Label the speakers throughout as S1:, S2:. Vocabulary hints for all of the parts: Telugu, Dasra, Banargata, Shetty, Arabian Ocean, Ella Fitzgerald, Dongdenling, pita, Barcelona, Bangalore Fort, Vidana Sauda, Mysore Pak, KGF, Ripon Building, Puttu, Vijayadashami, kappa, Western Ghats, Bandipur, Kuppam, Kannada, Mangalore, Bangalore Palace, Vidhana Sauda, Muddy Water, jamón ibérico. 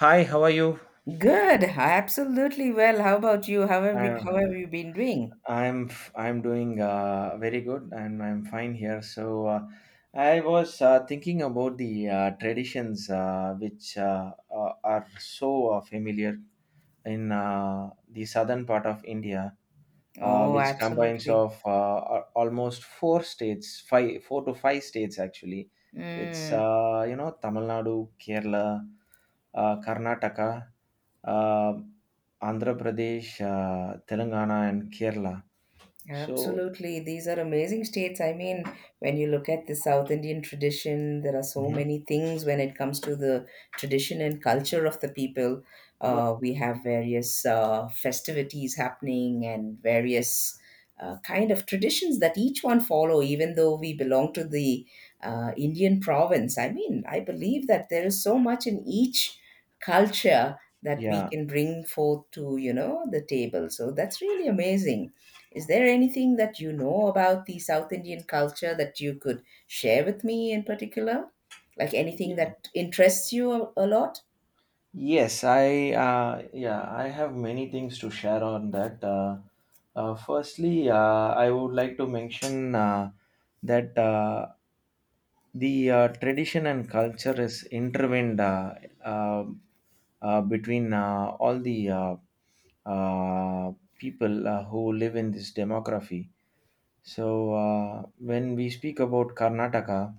S1: Hi, how are you?
S2: Good, absolutely well. How about you? How have you, how have
S1: I,
S2: you been doing?
S1: I'm doing very good and I'm fine here. So I was thinking about the traditions which are so familiar in the southern part of India.
S2: Oh,
S1: Which combines
S2: absolutely.
S1: of almost four states, five, four to five states actually. It's
S2: Mm.
S1: Tamil Nadu, Kerala, Karnataka, uh, Andhra Pradesh, Telangana, and Kerala. So.
S2: Absolutely. These are amazing states. I mean, when you look at the South Indian tradition, there are so
S1: Mhm.
S2: many things when it comes to the tradition and culture of the people.
S1: Yeah,
S2: We have various festivities happening and various kind of traditions that each one follow, even though we belong to the Indian province. I mean, I believe that there is so much in each culture that we
S1: yeah.
S2: can bring forth to, you know, the table. So that's really amazing. Is there anything that you know about the South Indian culture that you could share with me in particular? Like anything
S1: Ye-
S2: that interests you a lot?
S1: yes, I, yeah, I have many things to share on that. Firstly, I would like to mention that the tradition and culture is intertwined uh, between all the uh, people who live in this demography. So, when we speak about Karnataka,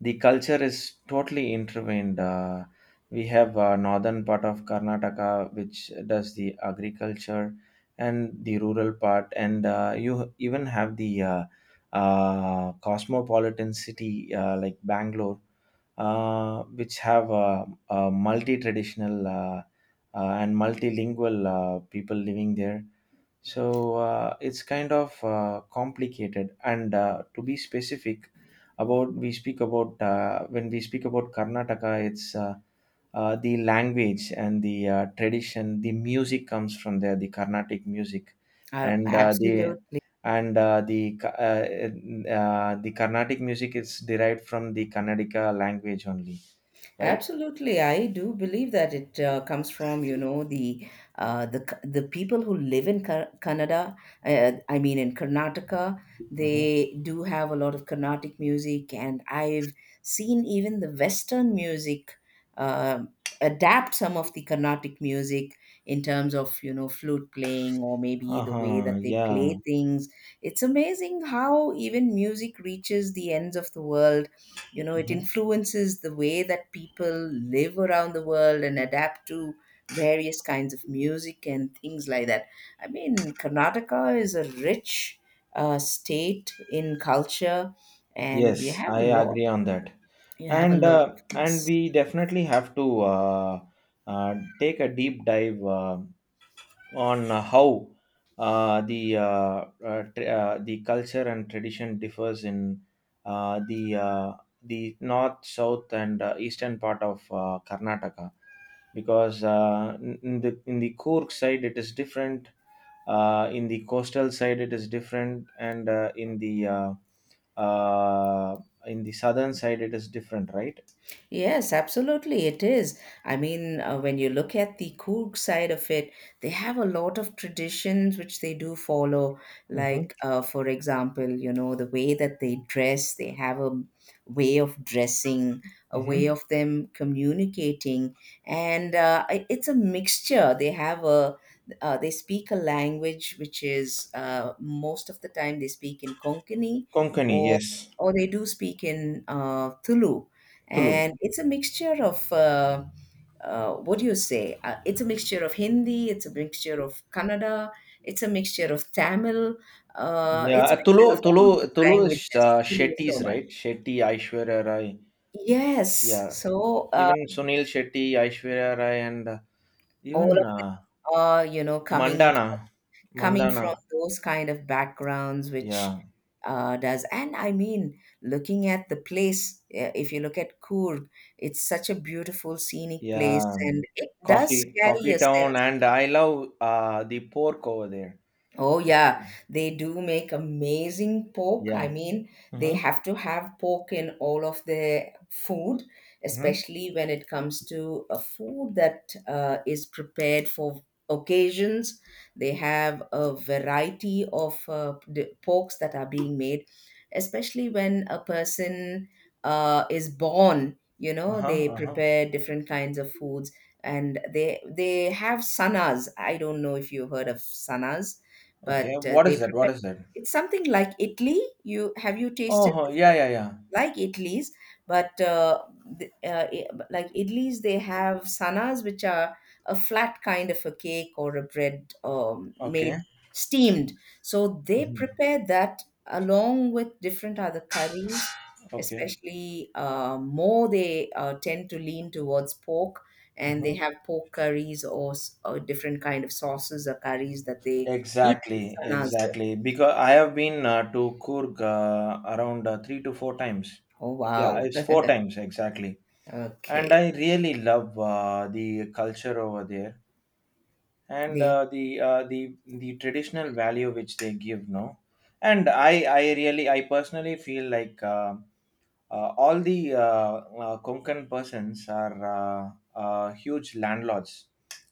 S1: the culture is totally intertwined. We have northern part of Karnataka which does the agriculture and the rural part, and you even have the cosmopolitan city like Bangalore, which have a multi-traditional and multilingual people living there, so it's kind of complicated. And to be specific, about we speak about when we speak about Karnataka, it's the language and the tradition. The music comes from there, the Carnatic music,
S2: Uh,
S1: and the
S2: absolutely.
S1: and the the Carnatic music is derived from the Kannadica language only, right?
S2: Absolutely, I do believe that it comes from, you know, the the people who live in Canada. I mean, in Karnataka,
S1: Mm-hmm.
S2: they do have a lot of Carnatic music, and I've seen even the Western music um adapt some of the Carnatic music in terms of, you know, flute playing or maybe
S1: Uh
S2: the way
S1: huh.
S2: that they
S1: Yeah.
S2: play things. It's amazing how even music reaches the ends of the world. You know, it
S1: Hmm.
S2: influences the way that people live around the world and adapt to various kinds of music and things like that. I mean, Karnataka is a rich state in culture, and we
S1: Yes,
S2: have
S1: I
S2: a lot.
S1: agree on that.
S2: You have a
S1: and
S2: lot
S1: uh,
S2: of,
S1: and
S2: yes.
S1: we definitely have to take a deep dive on how the tr the culture and tradition differs in uh, the uh, the north, south, and eastern part of Karnataka, because in the Coorg side it is different, in the coastal side it is different, and uh, in the southern side it is different, right?
S2: Yes, absolutely, it is. I mean, when you look at the Coorg side of it, they have a lot of traditions which they do follow.
S1: Mhm.
S2: Like, for example, you know, the way that they dress, they have a way of dressing, a way
S1: Mhm.
S2: of them communicating, and it's a mixture. They have a they speak a language which is most of the time they speak in Konkani,
S1: Konkani,
S2: or
S1: yes.
S2: or they do speak in Tulu,
S1: Tulu.
S2: and it's a mixture of what do you say? It's a mixture of Hindi, it's a mixture of Kannada, it's a mixture of Tamil, it's
S1: Yeah,
S2: a mixture of
S1: Tulu,
S2: all
S1: Tulu,
S2: these
S1: Tulu is
S2: languages. Telugu so
S1: Shetty's,
S2: much.
S1: right? Shetty, Aishwarya Rai.
S2: Yes,
S1: Yeah,
S2: so
S1: even Sunil Shetty, Aishwarya Rai, and
S2: all
S1: even
S2: of them are, you know, coming
S1: Mandana,
S2: coming
S1: Mandana.
S2: from those kind of backgrounds, which
S1: Yeah,
S2: does. And I mean looking at the place. If you look at Coorg, it's such a beautiful scenic
S1: yeah.
S2: place, and it does
S1: Coffee,
S2: carry
S1: Coffee
S2: a
S1: Town,
S2: sense.
S1: and I love the pork over there.
S2: Oh yeah, they do make amazing pork. I
S1: Yeah.
S2: mean, they
S1: Mm-hmm.
S2: have to have pork in all of their food,
S1: Mm-hmm.
S2: especially when it comes to a food that is prepared for occasions. They have a variety of porks that are being made, especially when a person is born. You know,
S1: Uh-huh.
S2: they
S1: Uh-huh.
S2: prepare different kinds of foods, and they have sanas. I don't know if you've heard of sanas, but
S1: Okay. What
S2: they
S1: is that?
S2: prepare
S1: What is that?
S2: it's something like Italy. You have you tasted
S1: Oh,
S2: this
S1: yeah, yeah, yeah.
S2: like idlis, but like idlis, they have sanas, which are a flat kind of a cake or a bread,
S1: Okay.
S2: made steamed. So they
S1: Mm-hmm.
S2: prepare that along with different other curries,
S1: Okay.
S2: especially more they tend to lean towards pork. And
S1: Mm-hmm.
S2: they have pork curries, or or different kind of sauces or curries that they eat these
S1: Exactly,
S2: sanas with.
S1: exactly. Because I have been to Kurg around three to four times.
S2: Oh
S1: Yeah,
S2: wow!
S1: it's four times exactly. And
S2: Okay,
S1: I really love the culture over there, and
S2: they,
S1: the the traditional value which they give. No, and I really I personally feel like all the Konkan persons are huge landlords.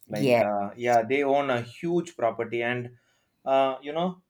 S1: Like
S2: yes.
S1: yeah, they own a huge property and uh, you know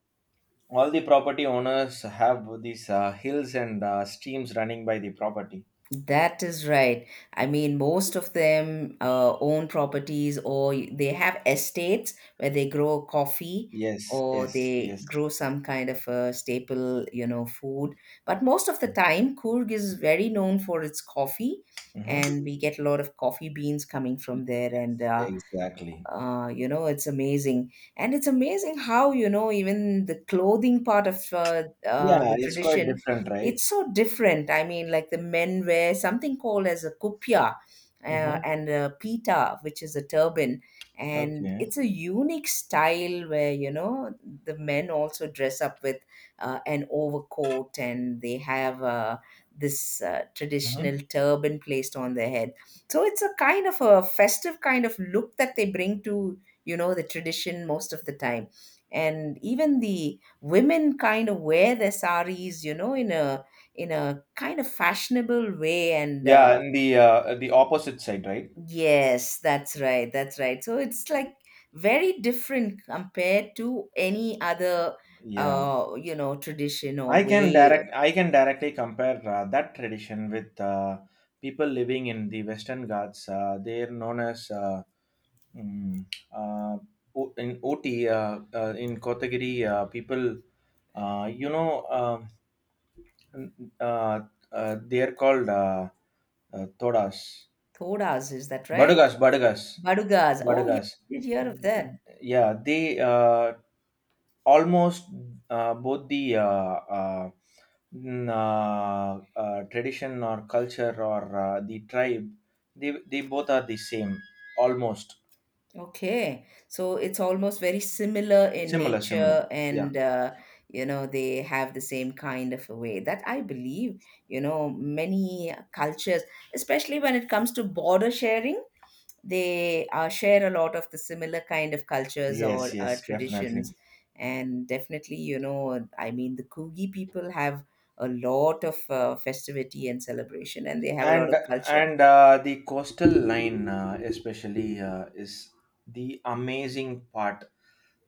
S1: all the property owners have these hills and streams running by the property.
S2: That is right. I mean, most of them own properties, or they have estates where they grow coffee
S1: Yes,
S2: or
S1: yes,
S2: they
S1: yes.
S2: grow some kind of a staple, you know, food. But most of the time, Coorg is very known for its coffee,
S1: Mm-hmm.
S2: and we get a lot of coffee beans coming from there. And
S1: Yes, exactly.
S2: you know it's amazing, and it's amazing how, you know, even the clothing part of
S1: Yeah,
S2: the
S1: it's quite
S2: tradition,
S1: different,
S2: it's
S1: right?
S2: so different. I mean, like the men wear something called as a kupia, uh,
S1: Mm-hmm.
S2: and a pita, which is a turban, and
S1: Okay.
S2: it's a unique style where, you know, the men also dress up with an overcoat, and they have this
S1: Mm-hmm.
S2: traditional turban placed on their head. So it's a kind of a festive kind of look that they bring to, you know, the tradition most of the time. And even the women kind of wear their saris, you know, in a kind of fashionable way. And
S1: Yeah, and the opposite side, right?
S2: yes, that's right, that's right. So it's like very different compared to any other,
S1: Yeah,
S2: you know, tradition or
S1: i can
S2: way.
S1: direct i can directly compare that tradition with people living in the Western Ghats. They're known as Mm. Uh, in OT, in Kotagiri, people, uh, you know, um, uh, they are called Todas,
S2: Thodas, is that right?
S1: Badugas, Badugas,
S2: Badugas. Oh yeah,
S1: Badugas.
S2: I did hear of that.
S1: Mm. Yeah, they almost both the uh, tradition or culture or the tribe, they both are the same, almost
S2: Okay, so it's almost very similar in
S1: similar.
S2: nature,
S1: Yeah.
S2: and you know they have the same kind of a way that I believe. You know, many cultures, especially when it comes to border sharing, they share a lot of the similar kind of cultures
S1: Yes,
S2: or
S1: yes,
S2: traditions,
S1: definitely.
S2: and definitely, you know, I mean, the Kugi people have a lot of festivity and celebration, and they have a lot
S1: And
S2: of culture.
S1: and the coastal line, especially, is the amazing part.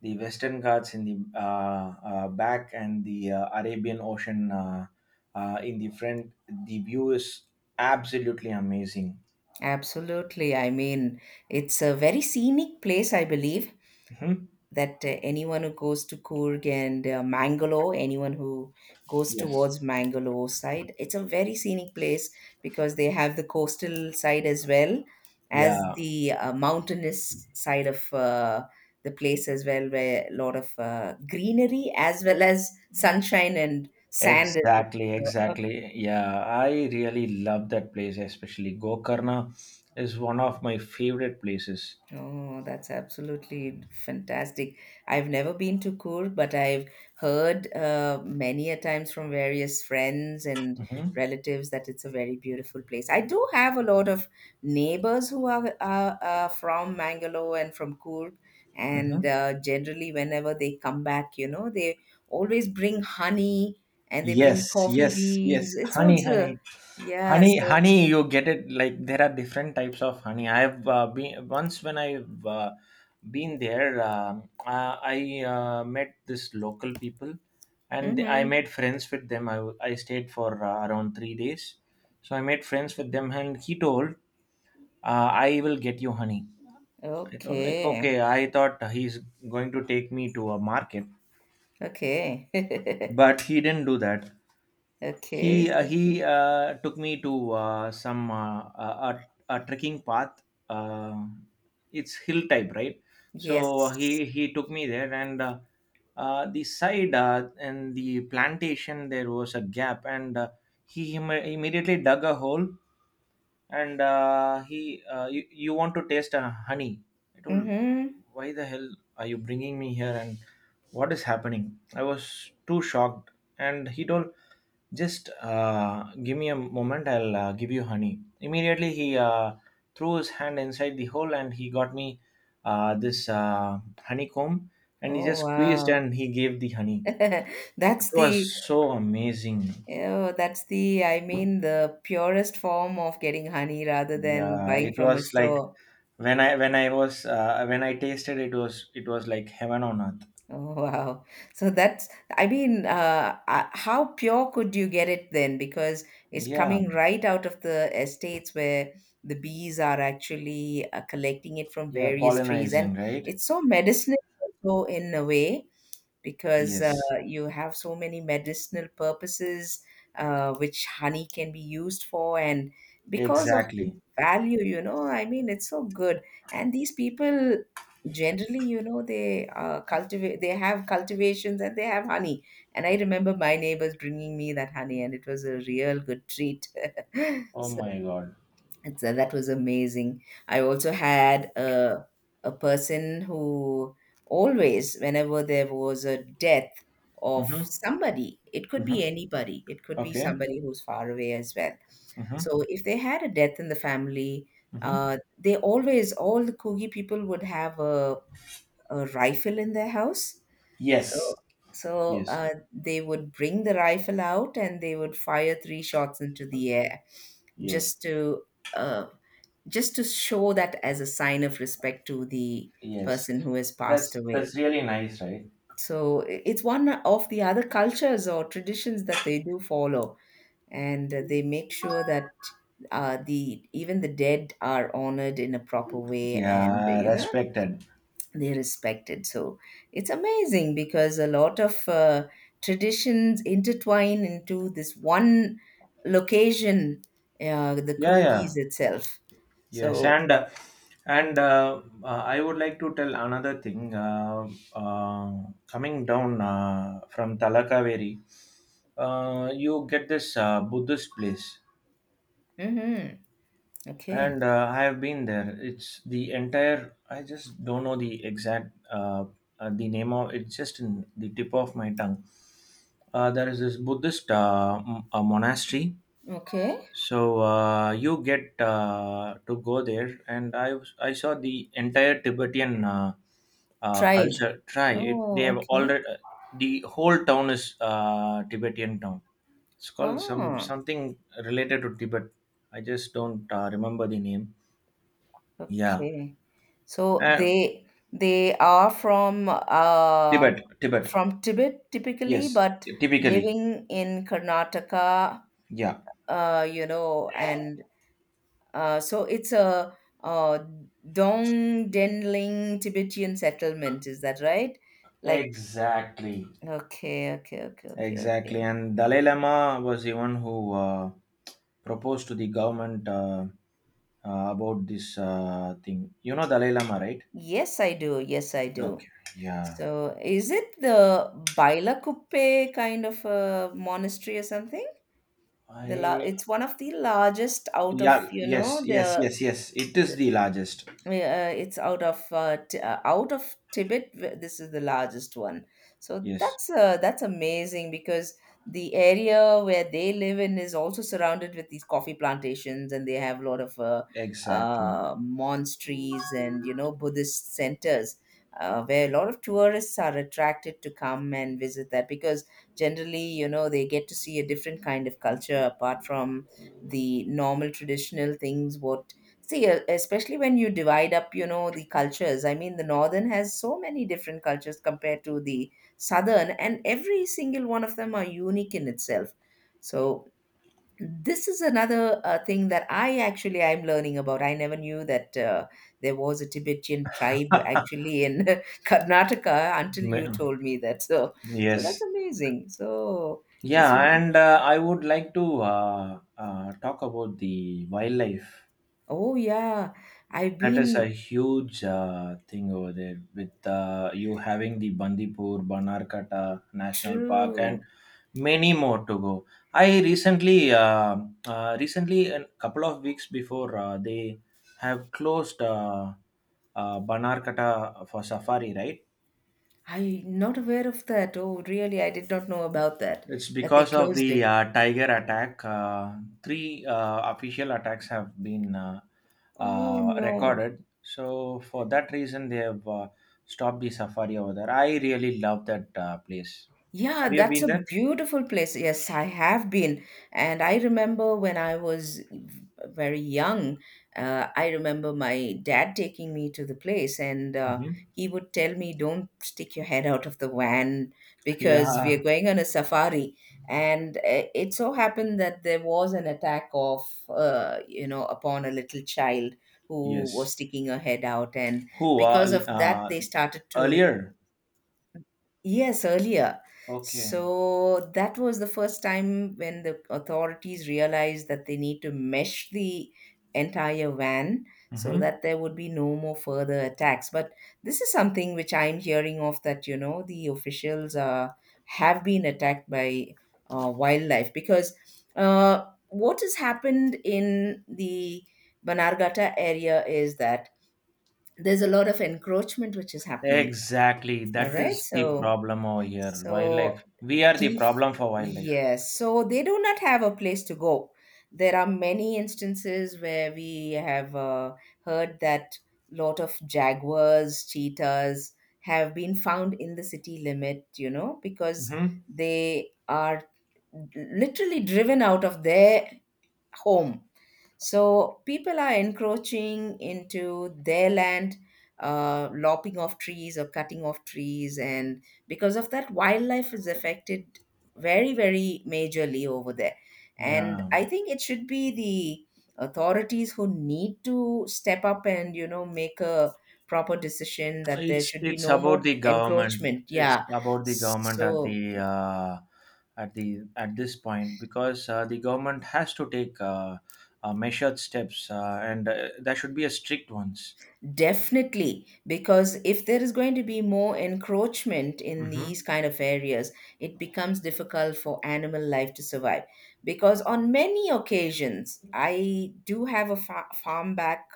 S1: The Western Ghats in the back, and the Arabian Ocean in the front. The view is absolutely amazing.
S2: Absolutely. I mean, it's a very scenic place, I believe,
S1: Mhm.
S2: that anyone who goes to Coorg and Mangalore, anyone who goes
S1: Yes.
S2: towards Mangalore side, it's a very scenic place because they have the coastal side as well as
S1: Yeah.
S2: the mountainous side of the place as well, where a lot of greenery as well as sunshine and sand as
S1: Exactly,
S2: well. So,
S1: exactly. Yeah, I really love that place, especially Gokarna is one of my favorite places.
S2: oh, that's absolutely fantastic. I've never been to Coorg, but I've heard many a times from various friends and
S1: Mm-hmm.
S2: relatives that it's a very beautiful place. I do have a lot of neighbors who are from Mangalore and from Coorg, and generally, whenever they come back, you know, they always bring honey and they bring
S1: Yes,
S2: coffee
S1: yes, yes.
S2: beans. It's
S1: Honey,
S2: also,
S1: honey,
S2: yeah,
S1: honey,
S2: so,
S1: honey. You get it. Like there are different types of honey. I've been once when I've been there. I met this local people, and I
S2: hmm,
S1: made friends with them. I stayed for around 3 days, so I made friends with them, and he told, "I will get you honey." I told like, "Okay."
S2: okay,
S1: I thought he's going to take me to a market,
S2: okay.
S1: but he didn't do that.
S2: Okay,
S1: he uh,
S2: so
S1: he uh, took me to some a trekking path. uh, it's hill type, right? So he
S2: yes.
S1: he took me there, and the side and the plantation, there was a gap, and immediately dug a hole, and he you want to taste honey, I told,
S2: Mm-hmm.
S1: "Why the hell are you bringing me here, and what is happening?" I was too shocked, and he told, "Just give me a moment, I'll give you honey." Immediately, he threw his hand inside the hole, and he got me this honeycomb, and he just
S2: Oh
S1: squeezed,
S2: wow.
S1: and he gave the honey. It
S2: That's
S1: was
S2: the
S1: so amazing.
S2: oh, that's the I mean the purest form of getting honey rather than
S1: Yeah,
S2: buying
S1: it
S2: from a
S1: was like
S2: store.
S1: when I was when I tasted, it was like heaven on earth.
S2: Oh wow. So that's I mean how pure could you get it then? Because it's
S1: Yeah,
S2: coming right out of the estates where the bees are actually collecting it from
S1: yeah,
S2: various trees, and
S1: pollinizing, right?
S2: it's so medicinal also in a way, because
S1: Yes,
S2: you have so many medicinal purposes which honey can be used for, and because of its
S1: exactly.
S2: value, you know, I mean it's so good, and these people generally, you know, they cultivate, they have cultivations and they have honey, and I remember my neighbors bringing me that honey, and it was a real good treat.
S1: Oh
S2: So
S1: my God.
S2: it's, that was amazing. I also had a person who always, whenever there was a death of
S1: Mm-hmm.
S2: somebody, it could be
S1: Mm-hmm.
S2: anybody, it could be
S1: Okay.
S2: somebody who's far away as well.
S1: Mm-hmm.
S2: So if they had a death in the family,
S1: Mm-hmm.
S2: they always, all the Kogi people would have a rifle in their house. So,
S1: Yes.
S2: so
S1: Yes,
S2: they would bring the rifle out, and they would fire three shots into the air,
S1: yes,
S2: just to uh, just to show that as a sign of respect to the
S1: yes.
S2: person who has passed
S1: that's
S2: away.
S1: that's really nice, right?
S2: So it's one of the other cultures or traditions that they do follow, and they make sure that the even the dead are honored in a proper way, and
S1: Yeah,
S2: you know
S1: respected.
S2: they respected. So it's amazing because a lot of traditions intertwine into this one location, the
S1: Yeah,
S2: Coogis
S1: yeah,
S2: itself.
S1: yes.
S2: So,
S1: And I would like to tell another thing. Uh, Coming down from Talakaveri, you get this Buddhist place.
S2: hmm, okay,
S1: And I have been there. It's the entire. I just don't know the exact the name of. It's just in the tip of my tongue. There is this Buddhist a monastery.
S2: okay,
S1: So you get to go there, and I saw the entire Tibetan
S2: tribe.
S1: culture. Try it. They
S2: Oh,
S1: have
S2: okay.
S1: already, the whole town is Tibetan town. It's called some
S2: Ah,
S1: something related to Tibet. I just don't remember the name. Yeah.
S2: okay. So
S1: Uh,
S2: they are
S1: Tibet.
S2: from Tibet typically,
S1: Yes,
S2: but
S1: typically.
S2: living in Karnataka,
S1: Yeah.
S2: you know, and so it's a uh, Dongdenling Tibetan settlement. Is that right? Like,
S1: Exactly.
S2: okay, okay, okay, okay,
S1: Exactly.
S2: okay.
S1: And Dalai Lama was the one who proposed to the government about this thing. You know Dalai Lama, right?
S2: Yes, I do. Yes, I do.
S1: Okay. Yeah.
S2: So is it the Bailakuppe kind of a monastery or something?
S1: I
S2: It's one of the largest out of,
S1: Yeah.
S2: you know,
S1: Yes. Yes.
S2: the
S1: Yes. Yes. It is the largest.
S2: it's out of out of Tibet. This is the largest one. So
S1: Yes.
S2: that's amazing because the area where they live in is also surrounded with these coffee plantations, and they have a lot of
S1: Exactly.
S2: monasteries and, you know, Buddhist centers. Where a lot of tourists are attracted to come and visit that, because generally, you know, they get to see a different kind of culture apart from the normal traditional things what. See, especially when you divide up, you know, the cultures. I mean, the northern has so many different cultures compared to the southern, and every single one of them are unique in itself. So this is another thing that I actually I'm learning about. I never knew that there was a Tibetan tribe actually in Karnataka until you
S1: Ma-
S2: told me that. So, so that's
S1: Yes.
S2: amazing. So it's
S1: Yeah.
S2: really-
S1: And I would like to talk about the wildlife.
S2: oh yeah, I've
S1: That is a
S2: been
S1: huge thing over there, with you having the Bandipur, Banarkata National Park, and
S2: true.
S1: many more to go. I recently, uh, Recently, a couple of weeks before, they have closed Banarkata for safari, right?
S2: I'm not aware of that. Oh, really? I did not know about that,
S1: It's
S2: that they
S1: because of
S2: closed
S1: the
S2: it.
S1: tiger attack. Three official attacks have been
S2: Oh, no.
S1: recorded. So for that reason, they have stopped the safari over there. I really love that place.
S2: Yeah,
S1: Have you
S2: that's
S1: been
S2: a
S1: there?
S2: beautiful place. Yes, I have been. And I remember when I was very young, I remember my dad taking me to the place, and
S1: Hmm.
S2: he would tell me, don't stick your head out of the van because we are
S1: Yeah.
S2: going on a safari. And it so happened that there was an attack of, upon a little child who was
S1: Yes.
S2: sticking her head out. And
S1: Who?
S2: because of that, they started to.
S1: Earlier.
S2: Yes, earlier.
S1: Okay.
S2: So that was the first time when the authorities realized that they need to mesh the entire van so
S1: Hmm.
S2: that there would be no more further attacks. But this is something which I'm hearing of, that, you know, the officials have been attacked by wildlife because what has happened in the Banargata area is that there's a lot of encroachment which is happening.
S1: Exactly.
S2: All
S1: That
S2: right.
S1: is the
S2: So
S1: problem over here.
S2: so,
S1: Wildlife. We are the
S2: def
S1: problem for wildlife.
S2: yes, so they do not have a place to go. There are many instances where we have heard that lot of jaguars, cheetahs have been found in the city limit, you know, because
S1: Hmm.
S2: they are literally driven out of their home. So people are encroaching into their land, lopping off trees or cutting off trees, and because of that, wildlife is affected very, very majorly over there. And
S1: Yeah.
S2: I think it should be the authorities who need to step up, and you know, make a proper decision that there
S1: It's
S2: should be
S1: it's
S2: no more
S1: about the government.
S2: encroachment.
S1: It's
S2: Yeah.
S1: about the government at
S2: So
S1: the at this point, because the government has to take measured steps, and there should be a strict ones.
S2: definitely, because if there is going to be more encroachment in
S1: Hmm.
S2: these kind of areas, it becomes difficult for animal life to survive. Because on many occasions, I do have a farm back.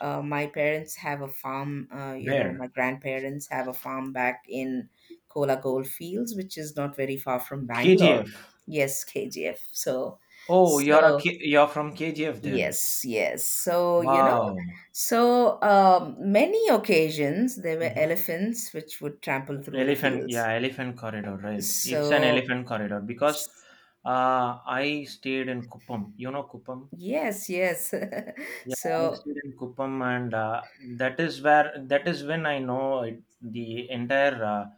S2: My parents have a farm, my
S1: Where?
S2: grandparents have a farm back in Kola Gold Fields, which is not very far from Bangalore.
S1: KGF?
S2: Yes, KGF. So,
S1: Oh,
S2: so
S1: You're from KGF then?
S2: yes, yes. So, you know,
S1: Wow.
S2: so many occasions there were
S1: Hmm.
S2: elephants which would trample through the
S1: Elephant,
S2: fields.
S1: yeah, elephant corridor, right? It's an
S2: So,
S1: elephant corridor, because
S2: s-
S1: I stayed in Kuppam. You know Kuppam?
S2: yes, yes.
S1: Yeah, I
S2: So,
S1: stayed in Kuppam, and that is when I know it, the entire uh,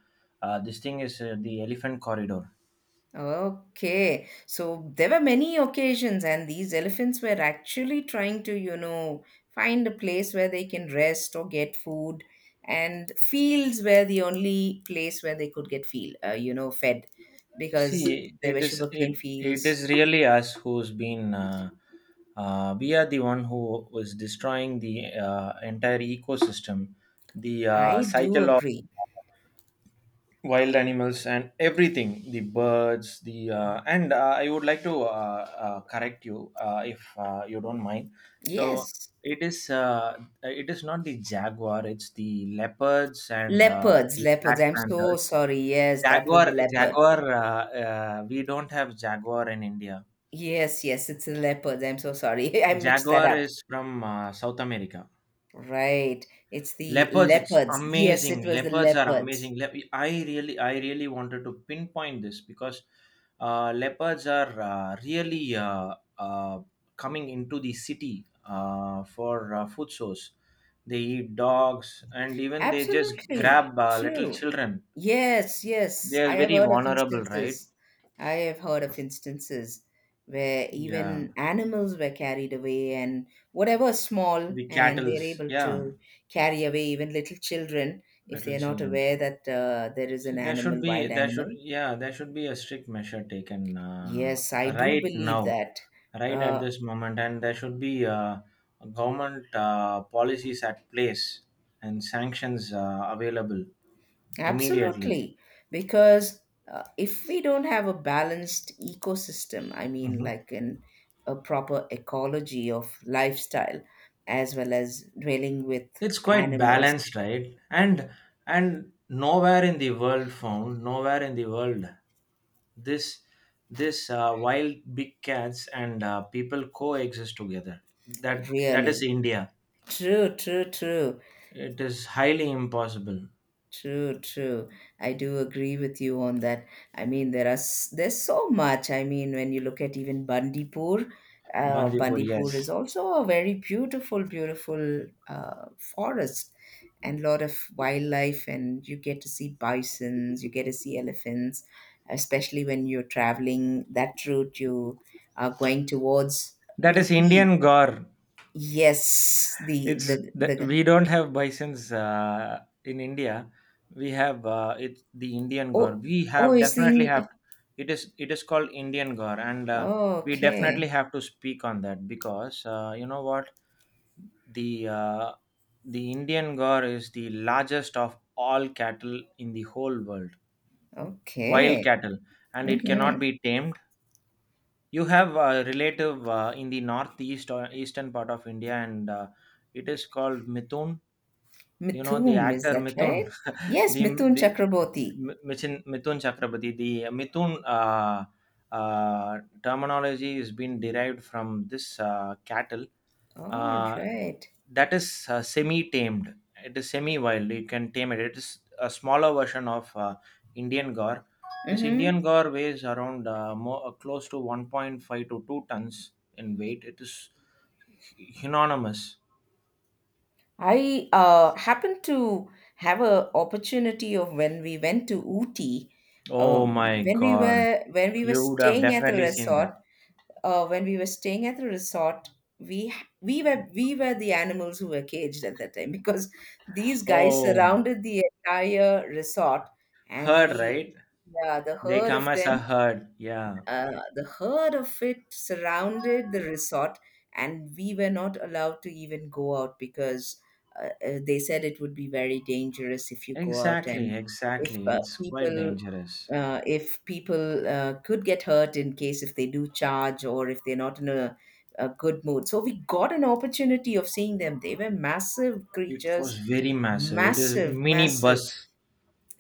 S1: uh, this thing is the elephant corridor.
S2: okay. So, there were many occasions, and these elephants were actually trying to, you know, find a place where they can rest or get food. And fields were the only place where they could get feel, fed because
S1: See,
S2: there
S1: it
S2: were
S1: is
S2: sugarcane
S1: it it
S2: fields.
S1: is really us who's been. We are the one who was destroying the entire ecosystem, the
S2: I do
S1: cycle of
S2: agree.
S1: wild animals and everything, the birds, the and I would like to correct you, if you don't mind. So
S2: Yes.
S1: it is uh, it is not the jaguar, it's the leopards and
S2: Leopards,
S1: the
S2: leopards.
S1: black
S2: I'm so
S1: panthers.
S2: sorry. Yes, that was
S1: Jaguar
S2: the leopard.
S1: jaguar We don't have jaguar in India.
S2: Yes, yes, it's the leopards. I'm so sorry. I mixed that
S1: Jaguar
S2: up.
S1: is from South America.
S2: Right. It's the
S1: Leopards, it's
S2: leopards. Yes,
S1: amazing.
S2: it was the
S1: Leopards are
S2: leopards.
S1: amazing. I really wanted to pinpoint this, because leopards are really coming into the city for food source. They eat dogs, and even they just
S2: Absolutely
S1: grab little
S2: true.
S1: children.
S2: Yes,
S1: They
S2: yes.
S1: are
S2: I have
S1: very
S2: heard of
S1: vulnerable, right?
S2: instances. I have heard of instances where
S1: Yeah,
S2: even animals were carried away, and whatever small,
S1: the
S2: and they're
S1: cattles,
S2: able
S1: yeah,
S2: to carry away even little children if
S1: little
S2: they're not
S1: children.
S2: aware that there is
S1: See,
S2: an
S1: there should
S2: animal,
S1: be
S2: wild
S1: there should
S2: animal.
S1: yeah, there should be a strict measure taken
S2: Yes, I do
S1: right
S2: believe
S1: now,
S2: that.
S1: right at
S2: Uh,
S1: this moment, and there should be government policies at place and sanctions available immediately.
S2: Absolutely. Because if we don't have a balanced ecosystem, I mean,
S1: Mhm.
S2: like in a proper ecology of lifestyle, as well as dwelling with
S1: It's quite
S2: animals,
S1: balanced, right? And nowhere in the world found, nowhere in the world this this wild big cats and people coexist together. That is
S2: really.
S1: India.
S2: True, true, true.
S1: It is highly impossible.
S2: True, true. I do agree with you on that. I mean, there are there's so much. I mean, when you look at even Bandipur,
S1: Bandipur, yes.
S2: Bandipur is also a very beautiful, beautiful forest and lot of wildlife, and you get to see bisons, you get to see elephants, especially when you're traveling that route. You are going towards
S1: That is
S2: Ooty.
S1: Indian gar.
S2: Yes, the
S1: It's
S2: the
S1: the,
S2: the.
S1: we don't have bisons in India. We have it's the Indian gore.
S2: Oh,
S1: We
S2: oh,
S1: have
S2: it's
S1: definitely have
S2: in.
S1: it is called Indian gore, and
S2: Oh,
S1: we definitely
S2: okay.
S1: have to speak on that because you know what, the uh, the Indian gore is the largest of all cattle in the whole world, wild
S2: Okay.
S1: cattle, and it
S2: Mm-hmm.
S1: cannot be tamed. You have a relative in the northeast or eastern part of India, and it is called Mithun. You know, the
S2: Mithun, is
S1: actor
S2: that
S1: Mithun,
S2: right? Yes,
S1: the
S2: Mithun
S1: the
S2: Chakraborty.
S1: Mi Michin Mithun Chakrabarty, the Mithun, uh, terminology is been derived from this cattle,
S2: All
S1: uh,
S2: right.
S1: that is semi-tamed. It is semi-wild. You can tame it. It is a smaller version of Indian Gaur. This
S2: Mm-hmm.
S1: Indian Gaur weighs around close to 1.5 to 2 tons in weight. It is enormous.
S2: I happened to have a opportunity of when we went to Ooty,
S1: Oh my God.
S2: when we were
S1: You would have
S2: staying at the
S1: definitely seen that.
S2: resort. When we were staying at the resort, we we were the animals who were caged at that time because these guys
S1: Oh,
S2: surrounded the entire resort, and
S1: herd,
S2: we,
S1: right?
S2: yeah, the
S1: They
S2: herd
S1: come
S2: of
S1: as a
S2: them.
S1: herd. Yeah,
S2: The herd of it surrounded the resort, and we were not allowed to even go out because they said it would be very dangerous if you go out.
S1: exactly,
S2: And if
S1: exactly. It's quite
S2: people,
S1: dangerous.
S2: if people could get hurt in case if they do charge or if they're not in a good mood. So we got an opportunity of seeing them. They were massive
S1: It
S2: creatures,
S1: was very massive. It is
S2: massive,
S1: mini
S2: massive.
S1: bus,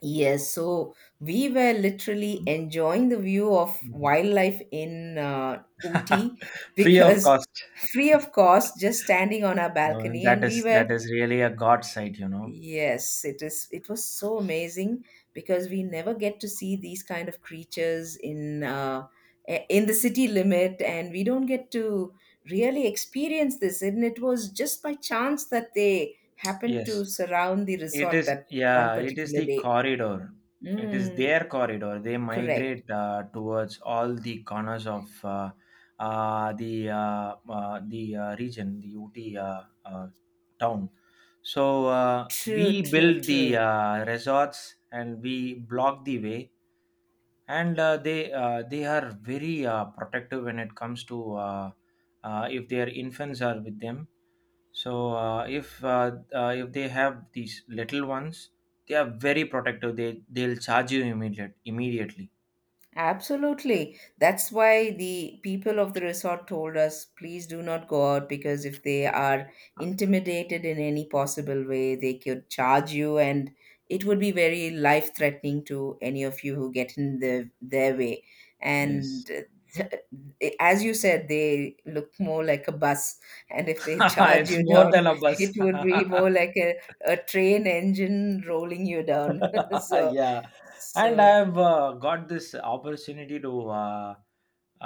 S2: Yes, so we were literally enjoying the view of wildlife in Ooty
S1: free of
S2: because
S1: cost.
S2: free of cost, just standing on our balcony,
S1: That
S2: and we
S1: is
S2: were,
S1: that is really a god sight.
S2: yes, it is, it was so amazing because we never get to see these kind of creatures in in the city limit, and we don't get to really experience this. And it was just by chance that they happened to
S1: Yes.
S2: surround the
S1: It
S2: resort
S1: is,
S2: that one
S1: yeah, it is
S2: particular
S1: the
S2: day.
S1: corridor. It is
S2: Mm.
S1: their corridor. They
S2: Correct.
S1: migrate towards all the corners of the region, the UT town. So
S2: True,
S1: we
S2: true,
S1: build the
S2: true.
S1: resorts and we block the way, and they are very protective when it comes to if their infants are with them, so if they have these little ones, they are very protective. They'll charge you immediately.
S2: Absolutely. That's why the people of the resort told us, please do not go out because if they are
S1: Ah.
S2: intimidated in any possible way, they could charge you, and it would be very life threatening to any of you who get in the, their way.
S1: Yes.
S2: And uh, as you said, they look more like a bus. And if they charge
S1: It's
S2: you
S1: more
S2: down,
S1: than a bus.
S2: it would be more like a train engine rolling you down. so,
S1: Yeah, and
S2: so.
S1: I've got this opportunity to uh,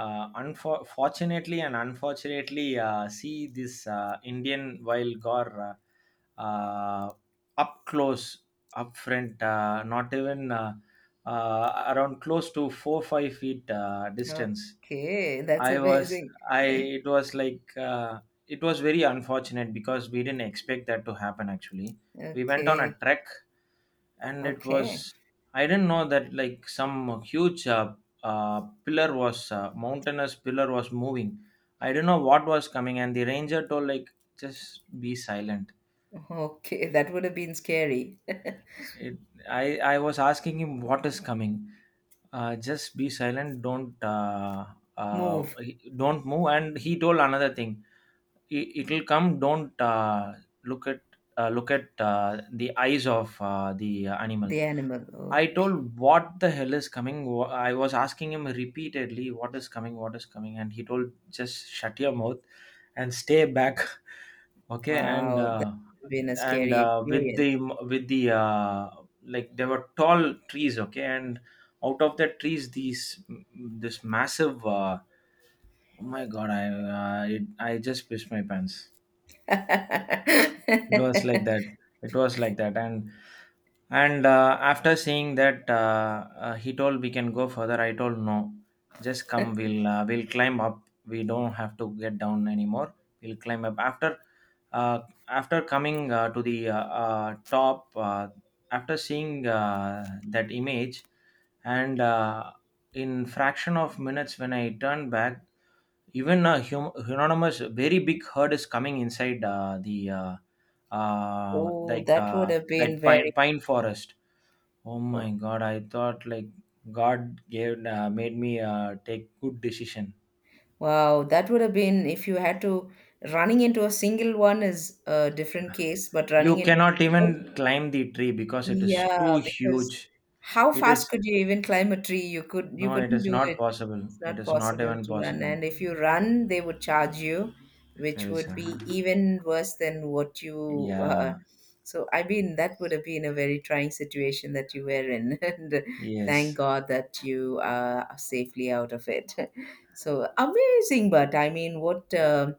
S1: uh, unfor- fortunately and unfortunately see this Indian wild gore, up close, up front, not even around close to 4-5 feet distance.
S2: Okay, that's
S1: I was
S2: amazing.
S1: I It was like, it was very unfortunate because we didn't expect that to happen actually. We went on a
S2: Okay,
S1: trek, and it
S2: okay,
S1: was I didn't know that like some huge pillar was, mountainous pillar was moving. I didn't know what was coming, and the ranger told like, just be silent.
S2: okay. That would have been scary.
S1: It, i i was asking him, what is coming? Just be silent, don't
S2: Move
S1: don't move. And he told another thing: it'll come, don't look at look at the eyes of the animal.
S2: the animal.
S1: I
S2: Okay.
S1: told, what the hell is coming? I was asking him repeatedly, what is coming, what is coming? And he told, just shut your mouth and stay back. Okay. And
S2: Wow, that
S1: uh,
S2: would have been a
S1: and
S2: scary
S1: uh, with the,
S2: experience.
S1: with the uh, like there were tall trees, okay, and out of the trees, these this massive, oh my god! I just pissed my pants. It was like that, it was like that. And after saying that, he told we can go further. I told, no, just come, we'll climb up, we don't have to get down anymore. We'll climb up after, uh, after coming to the, top, after seeing that image. And in fraction of minutes, when I turned back, even a anonymous very big herd is coming inside the
S2: Oh,
S1: like
S2: that would have
S1: that
S2: been very
S1: pine forest. Oh
S2: cool.
S1: my god, I thought like god gave, made me take good decision.
S2: Wow, that would have been, if you had to, running into a single one is a different case, but running
S1: You
S2: into
S1: cannot
S2: a herd,
S1: even climb the tree because it is too
S2: yeah, because
S1: huge.
S2: how
S1: It
S2: fast
S1: is
S2: could you even climb a tree? You could, you
S1: No, it
S2: couldn't
S1: is
S2: do
S1: not
S2: it.
S1: possible,
S2: It's
S1: it
S2: not
S1: is not
S2: possible
S1: even
S2: to run.
S1: possible.
S2: And if you run, they would charge you, which would
S1: Elsa.
S2: be even worse than what you.
S1: Yeah.
S2: So, I mean, that would have been a very trying situation that you were in. And thank
S1: Yes.
S2: God that you are safely out of it. So amazing, but I mean, what. Um,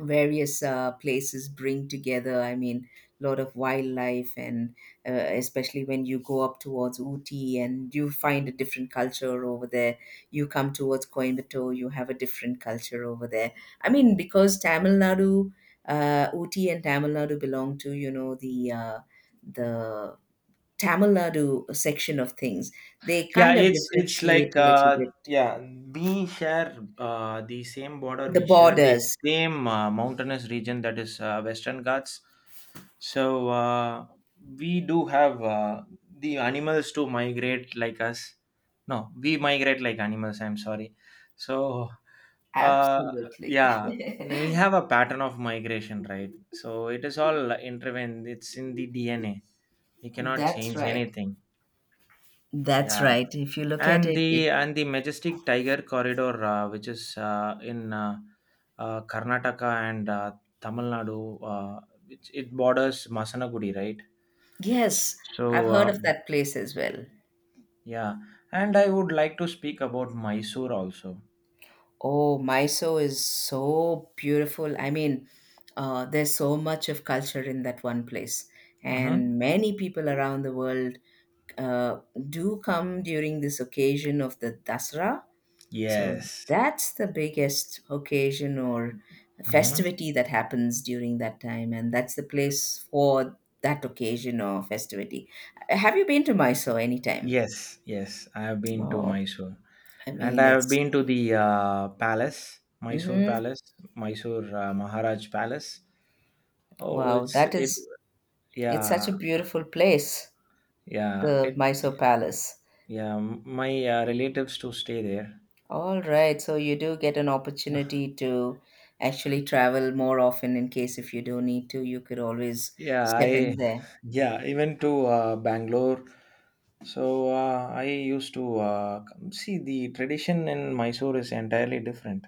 S2: various places bring together, I mean, a lot of wildlife, and especially when you go up towards Uti, and you find a different culture over there. You come towards Coimbatore, you have a different culture over there. I mean, because Tamil Nadu, Uti and Tamil Nadu belong to, you know, the Tamil Nadu section of things. They
S1: Yeah,
S2: kind of
S1: it's
S2: differentiate
S1: like
S2: a little bit,
S1: yeah, we share the same border.
S2: the
S1: We share the
S2: borders,
S1: same mountainous region, that is Western Ghats. So uh we do have the animals to migrate like us. No, we migrate like animals, I'm sorry. So uh
S2: absolutely.
S1: yeah, we have a pattern of migration, right? So it is all intervened, it's in the DNA. We cannot
S2: That's
S1: change
S2: right.
S1: anything.
S2: That's
S1: Yeah,
S2: right. If you look at it, it.
S1: and the majestic tiger corridor, which is in, Karnataka and Tamil Nadu, uh, which it borders Masanagudi, right?
S2: Yes, I've
S1: So
S2: heard of
S1: um,
S2: that place as well.
S1: yeah, and I would like to speak about Mysore also.
S2: Oh, Mysore is so beautiful. I mean, there's so much of culture in that one place.
S1: Mm-hmm.
S2: And many people around the world uh, do come during this occasion of the Dasra. So
S1: Yes.
S2: that's the biggest occasion or
S1: Mm-hmm.
S2: festivity that happens during that time. And that's the place for that occasion or festivity. Have you been to Mysore anytime?
S1: Yes, yes, I have been to
S2: Oh,
S1: Mysore,
S2: I
S1: and
S2: mean,
S1: I have
S2: it's,
S1: been to the palace, Mysore
S2: hmm,
S1: Palace, Mysore Maharaj Palace. Oh,
S2: wow,
S1: it's
S2: that
S1: it
S2: is, it's such
S1: yeah.
S2: a beautiful place,
S1: Yeah,
S2: the
S1: it.
S2: Mysore Palace.
S1: Yeah, my relatives to stay there.
S2: All right, so you do get an opportunity to actually travel more often. In case if you do need to, you could always
S1: Yeah,
S2: step in
S1: I.
S2: there.
S1: Yeah, even to Bangalore. So I used to see, the tradition in Mysore is entirely different.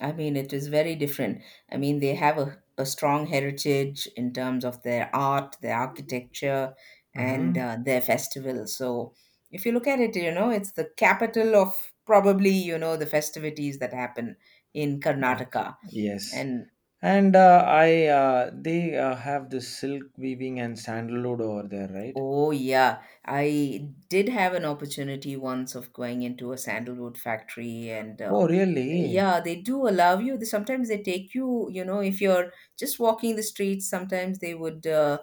S2: I mean, it is very different. I mean, they have a strong heritage in terms of their art, their architecture,
S1: Mm-hmm.
S2: and their festival. So, if you look at it, you know, it's the capital of probably, you know, the festivities that happen in
S1: Yes.
S2: Karnataka.
S1: Yes.
S2: And
S1: And I they have this silk weaving and sandalwood over there, right?
S2: oh, yeah, I did have an opportunity once of going into a sandalwood factory, and
S1: Oh, really?
S2: yeah, they do allow you, they, sometimes they take you, you know, if you're just walking the streets, sometimes uh,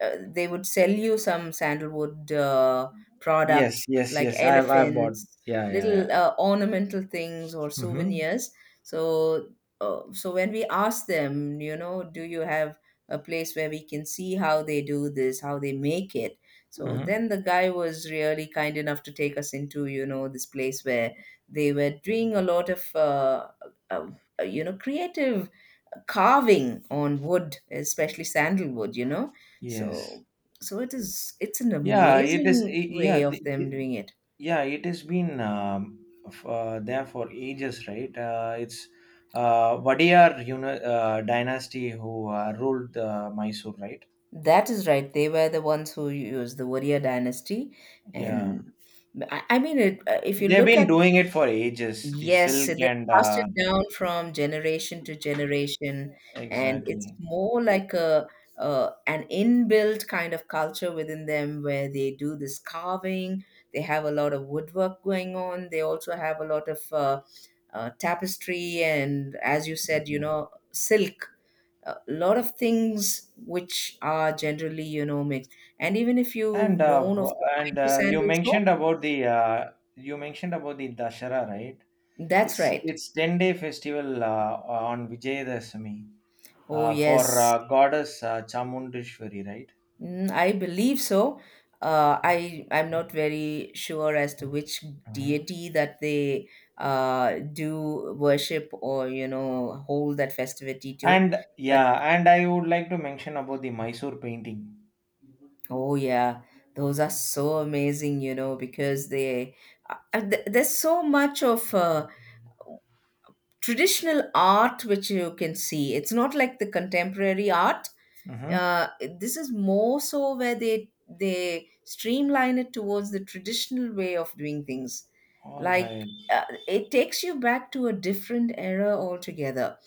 S2: uh, they would sell you some sandalwood products
S1: Yes, yes,
S2: like
S1: yes. I've bought.
S2: elephants,
S1: Yeah, yeah, yeah.
S2: little ornamental things or
S1: Mm-hmm.
S2: souvenirs. So so when we ask them, you know, do you have a place where we can see how they do this, how they make it? So
S1: Mm-hmm.
S2: then the guy was really kind enough to take us into, you know, this place where they were doing a lot of, uh, you know, creative carving on wood, especially sandalwood. You know,
S1: Yes.
S2: so so it is. It's an
S1: Yeah, it is.
S2: amazing
S1: Yeah,
S2: way of them doing it.
S1: yeah, it has been there for ages, right? It's Wadiyar, you know, dynasty who ruled Mysore, right?
S2: That is right. They were the ones who used the Warrior dynasty,
S1: Yeah,
S2: and I mean, it, if you
S1: they've
S2: look at,
S1: been doing it for ages. The
S2: yes,
S1: silk
S2: they
S1: and
S2: passed it down from generation to generation, and it's
S1: exactly.
S2: more like a an inbuilt kind of culture within them where they do this carving. They have a lot of woodwork going on. They also have a lot of tapestry and, as you said, you
S1: Yeah.
S2: know, silk. A lot of things which are generally, you know, mixed. And even if you've
S1: And
S2: known of the Mysore
S1: you
S2: sandal soap,
S1: mentioned about the, you mentioned about the Dashara, right?
S2: that's right.
S1: It's 10 day festival on Vijayadashami,
S2: Oh,
S1: for
S2: yes.
S1: goddess Chamundeshwari, right?
S2: Mm, I believe so. I'm not very sure as to which
S1: Mhm.
S2: deity that they do worship or hold that festivity to,
S1: And
S2: but
S1: yeah, and I would like to mention about the Mysore painting.
S2: oh yeah, those are so amazing, you know, because they there's so much of traditional art which you can see. It's not like the contemporary art.
S1: Mm-hmm.
S2: uh, this is more so where they streamline it towards the traditional way of doing things.
S1: All
S2: Like
S1: right.
S2: it takes you back to a different era altogether.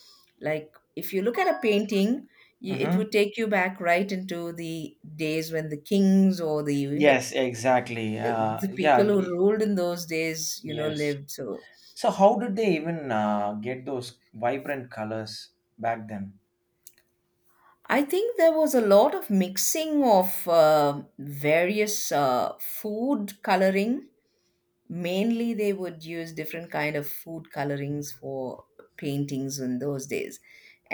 S2: Like if you look at a painting, you, it would
S1: Mm-hmm.
S2: take you back right into the days when the kings or the
S1: Yes, exactly.
S2: the people who ruled in those days, you know,
S1: Yes.
S2: lived so.
S1: So how did they even get those vibrant colors back then?
S2: I think there was a lot of mixing of various food coloring. Mainly they would use different kind of food colorings for paintings in those days.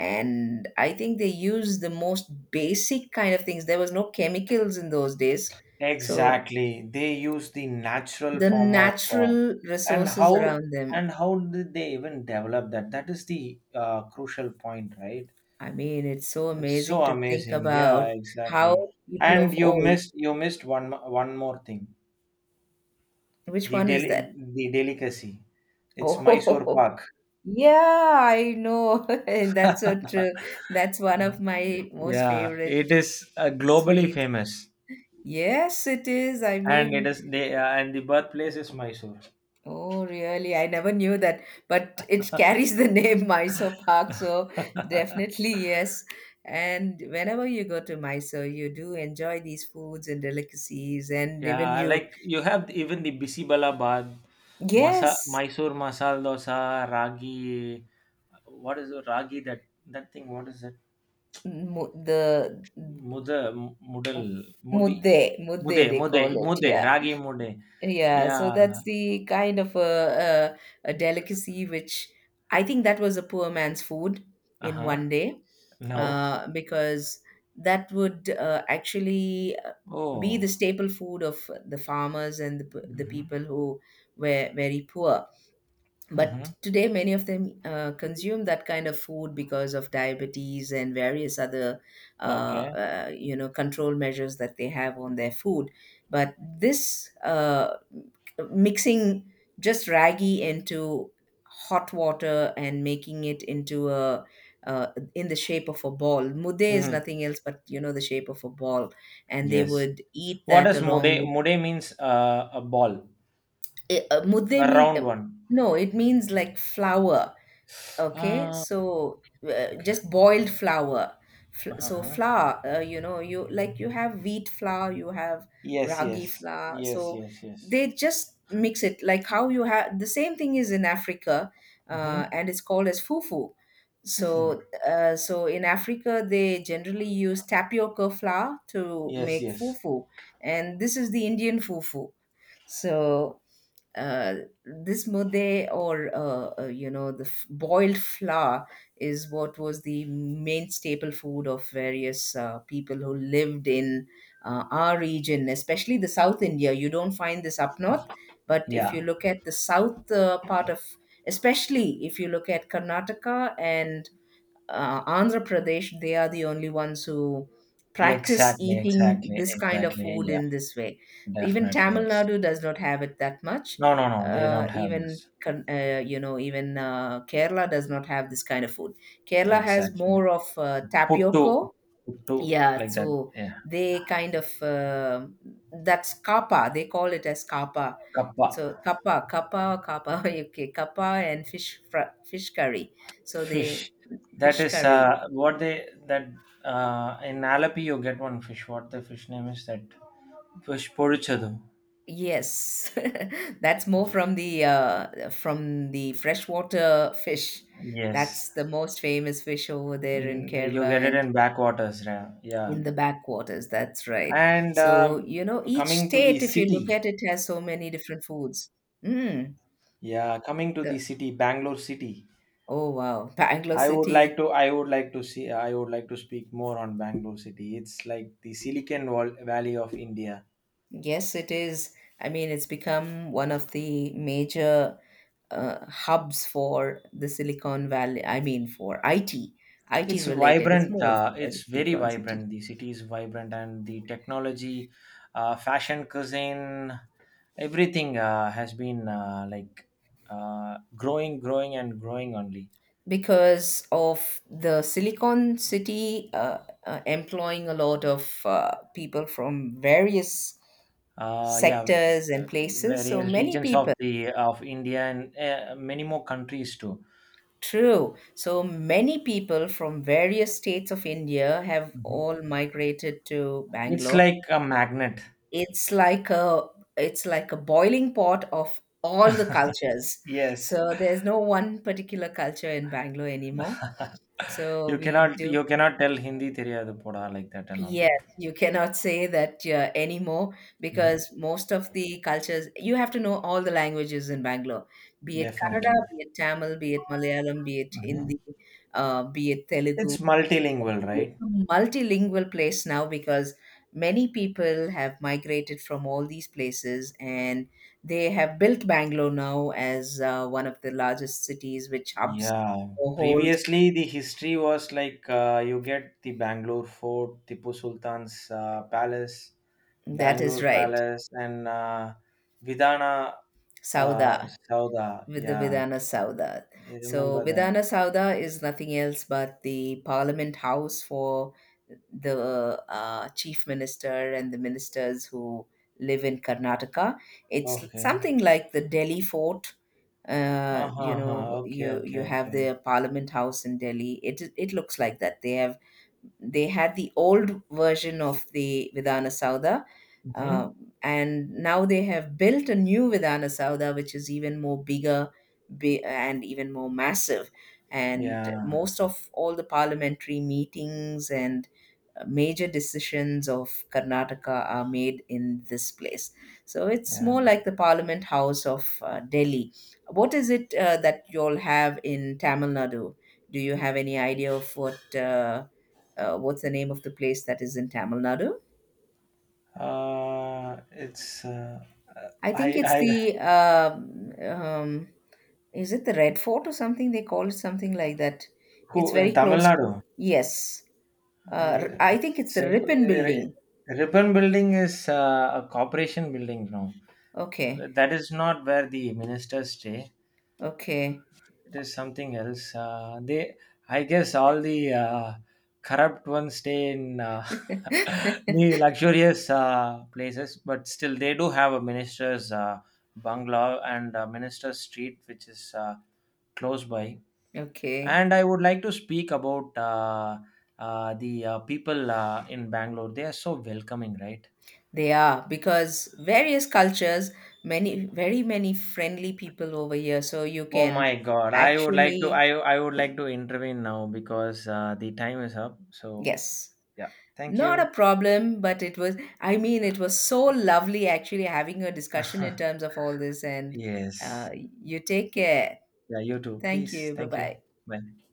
S2: And I think they used the most basic kind of things. There was no chemicals in those days. So
S1: Exactly. They used the natural
S2: the
S1: form of,
S2: natural
S1: and
S2: resources
S1: how,
S2: around them.
S1: and how did they even develop that? That is the crucial point, right?
S2: I mean, it's so
S1: It's so
S2: amazing to think
S1: amazing. Yeah,
S2: about how
S1: exactly.
S2: people
S1: And
S2: of old.
S1: you missed one more thing.
S2: Which
S1: The
S2: one is
S1: del-
S2: that?
S1: the delicacy. It's Mysore
S2: Oh,
S1: Pak.
S2: yeah, I know. That's so true. That's one of my most
S1: Yeah,
S2: favorite
S1: it is globally
S2: sweets.
S1: famous,
S2: Yes, it is. I
S1: and it
S2: mean,
S1: is the, and the birthplace is Mysore.
S2: oh, really? I never knew that, but it carries the name Mysore Park, so definitely yes. And whenever you go to Mysore, you do enjoy these foods and delicacies, and even
S1: Yeah,
S2: you,
S1: like you have even the Bisibala Bad, Masa
S2: yes,
S1: Mysore Masala Dosa, Ragi, what is the Ragi that, that thing? What is it?
S2: mu- the
S1: ಮುದ, ಮುಡಲ್, ಮುಡಿ,
S2: mudde,
S1: ಮುದೆ
S2: they
S1: ಮುದೆ
S2: call it.
S1: ಮುದೆ
S2: Yeah.
S1: Ragi ಮುದೆ.
S2: Yeah,
S1: Yeah.
S2: so that's the kind of a, a delicacy which I think that was a poor man's food in
S1: Uh-huh.
S2: one day,
S1: No.
S2: because that would actually be the
S1: Oh.
S2: staple food of the farmers and the, the
S1: Mm-hmm.
S2: people who were very poor, but
S1: Mm-hmm.
S2: today many of them consume that kind of food because of diabetes and various other
S1: Okay.
S2: you know, control measures that they have on their food. But this mixing just ragi into hot water and making it into a, uh, in the shape of a ball, mude is
S1: Mm-hmm.
S2: nothing else but, you know, the shape of a ball, and they
S1: Yes.
S2: would eat
S1: What
S2: that
S1: does
S2: along
S1: mude?
S2: with.
S1: Mude means, a ball,
S2: Mude
S1: a
S2: mean
S1: round one.
S2: no, it means like flour. Okay,
S1: Ah.
S2: so
S1: Okay.
S2: just boiled flour. So
S1: Uh-huh.
S2: flour, you know, you like you have wheat flour, you have
S1: Yes,
S2: ragi
S1: yes.
S2: flour.
S1: Yes,
S2: So
S1: yes, yes.
S2: they just mix it like how you have the same thing is in Africa,
S1: Mm-hmm.
S2: and it's called as fufu.
S1: Mm-hmm.
S2: So, so in Africa, they generally use tapioca flour to
S1: Yes,
S2: make
S1: yes.
S2: fufu, and this is the Indian fufu. So uh, this mude or you know, the boiled flour is what was the main staple food of various people who lived in our region, especially the South India. You don't find this up north, but if you
S1: Yeah.
S2: look at the south part of, especially if you look at Karnataka and Andhra Pradesh, they are the only ones who practice
S1: Exactly,
S2: eating
S1: exactly,
S2: this kind of
S1: exactly.
S2: food
S1: Yeah,
S2: in this way. Even
S1: definitely
S2: Tamil
S1: yes.
S2: Nadu does not have it that much.
S1: No, no, no. They don't have
S2: Even
S1: this.
S2: You know, even Kerala does not have this kind of food. Kerala has
S1: Exactly.
S2: more of
S1: Puttu,
S2: tapioca.
S1: puttu,
S2: Yeah,
S1: like that.
S2: so
S1: Yeah.
S2: they kind of that's kappa. They call it as kappa.
S1: Kappa,
S2: So kappa, kappa, kappa. Okay, kappa and fish curry. So they
S1: fish. That
S2: fish
S1: is
S2: curry.
S1: what they that, in Alapi you get one fish. What the fish name is that? Fish poruchadu.
S2: Yes, that's more from the freshwater fish.
S1: Yes.
S2: That's the most famous fish over there in
S1: Mm, you
S2: Kerala
S1: get it
S2: and
S1: in backwaters. Yeah, yeah.
S2: in the backwaters. That's right.
S1: And
S2: So, you know, each
S1: coming to the
S2: state, if you look
S1: city.
S2: at it, has so many different foods. Mm,
S1: Yeah, coming to the
S2: the,
S1: city, Bangalore city.
S2: oh wow, Bangalore
S1: I would like
S2: City.
S1: to, I would like to see, I would like to speak more on Bangalore city. It's like the Valley of India.
S2: Yes, it is. I mean, it's become one of the major hubs for the Silicon Valley. I mean, for IT, IT
S1: It's
S2: related. It's
S1: vibrant.
S2: more of a
S1: It's very
S2: Silicon City
S1: vibrant. The city is vibrant, and the technology, fashion, cuisine, everything has been like, growing, growing, and growing only.
S2: because of the Silicon City employing a lot of people from various
S1: Uh, yeah,
S2: sectors
S1: uh,
S2: and places. So
S1: various
S2: many
S1: regions of
S2: people.
S1: the, of India, and many more countries too.
S2: True. So many people from various states of India have
S1: Mhm.
S2: all migrated to
S1: It's
S2: Bangalore.
S1: like a magnet.
S2: It's like a, it's like a boiling pot of all the cultures.
S1: Yes,
S2: So there's no one particular culture in Bangalore anymore, so we do.
S1: you cannot tell Hindi தெரியாது போடா like that and all.
S2: Yes, you cannot say that anymore,
S1: Mhm.
S2: because most of the cultures, you have to know all the languages in Bangalore, be it Kannada,
S1: Definitely.
S2: be it Tamil, be it Malayalam, be it Hindi,
S1: Mhm.
S2: be it Telugu.
S1: It's multilingual,
S2: It's
S1: right?
S2: a multilingual place now, because many people have migrated from all these places, and they have built Bangalore now as one of the largest cities which hubs
S1: Yeah,
S2: or holds.
S1: previously the history was like, you get the Bangalore Fort, Tipu Sultan's palace,
S2: That is
S1: Bangalore
S2: right.
S1: Palace, and Vidana,
S2: Sauda,
S1: Sauda.
S2: with the
S1: Yeah,
S2: Vidhana Sauda.
S1: I
S2: So
S1: remember that.
S2: Vidhana Sauda is nothing else but the parliament house for the chief minister and the ministers who live in Karnataka. It's
S1: Okay.
S2: something like the Delhi fort. You
S1: Uh-huh. Huh huh.
S2: know,
S1: Okay.
S2: you
S1: Okay.
S2: have
S1: Okay.
S2: the parliament house in Delhi. It looks like that. They have they had the old version of the Vidhana Sauda,
S1: Mm-hmm.
S2: uh, and now they have built a new Vidhana Sauda which is even more bigger, and even more massive, and
S1: Yeah.
S2: most of all the parliamentary meetings and major decisions of Karnataka are made in this place. So it's
S1: Yeah.
S2: more like the Parliament House of Delhi. What is it that you all have in Tamil Nadu? Do you have any idea of what what's the name of the place that is in Tamil Nadu?
S1: It's
S2: I think it's
S1: I
S2: the is it the Red Fort or something? They call it something like that.
S1: who
S2: It's
S1: in
S2: very
S1: Tamil
S2: close
S1: Nadu.
S2: to, yes.
S1: I
S2: I think it's the
S1: Sen-
S2: Ripon Building.
S1: Ribbon Building is a corporation building now.
S2: Okay,
S1: That is not where the ministers stay.
S2: okay.
S1: It is something else, they, I guess all the corrupt ones stay in the luxurious places, but still they do have a minister's bungalow and a minister's street which is close by.
S2: Okay,
S1: And I would like to speak about, the people in Bangalore, they are so welcoming, right?
S2: they are, because various cultures, many, very many friendly people over here. So you
S1: Oh
S2: can
S1: my God, I would like to,
S2: actually,
S1: I would like to intervene now because the time is up. So
S2: yes,
S1: yeah, thank
S2: not
S1: you.
S2: a problem, but it was, I mean, it was so lovely actually having a discussion in terms of all this. And uh,
S1: Yes.
S2: you take care.
S1: Yeah, you too.
S2: Thank
S1: Please.
S2: you. Bye
S1: Thank you.
S2: bye.
S1: Bye.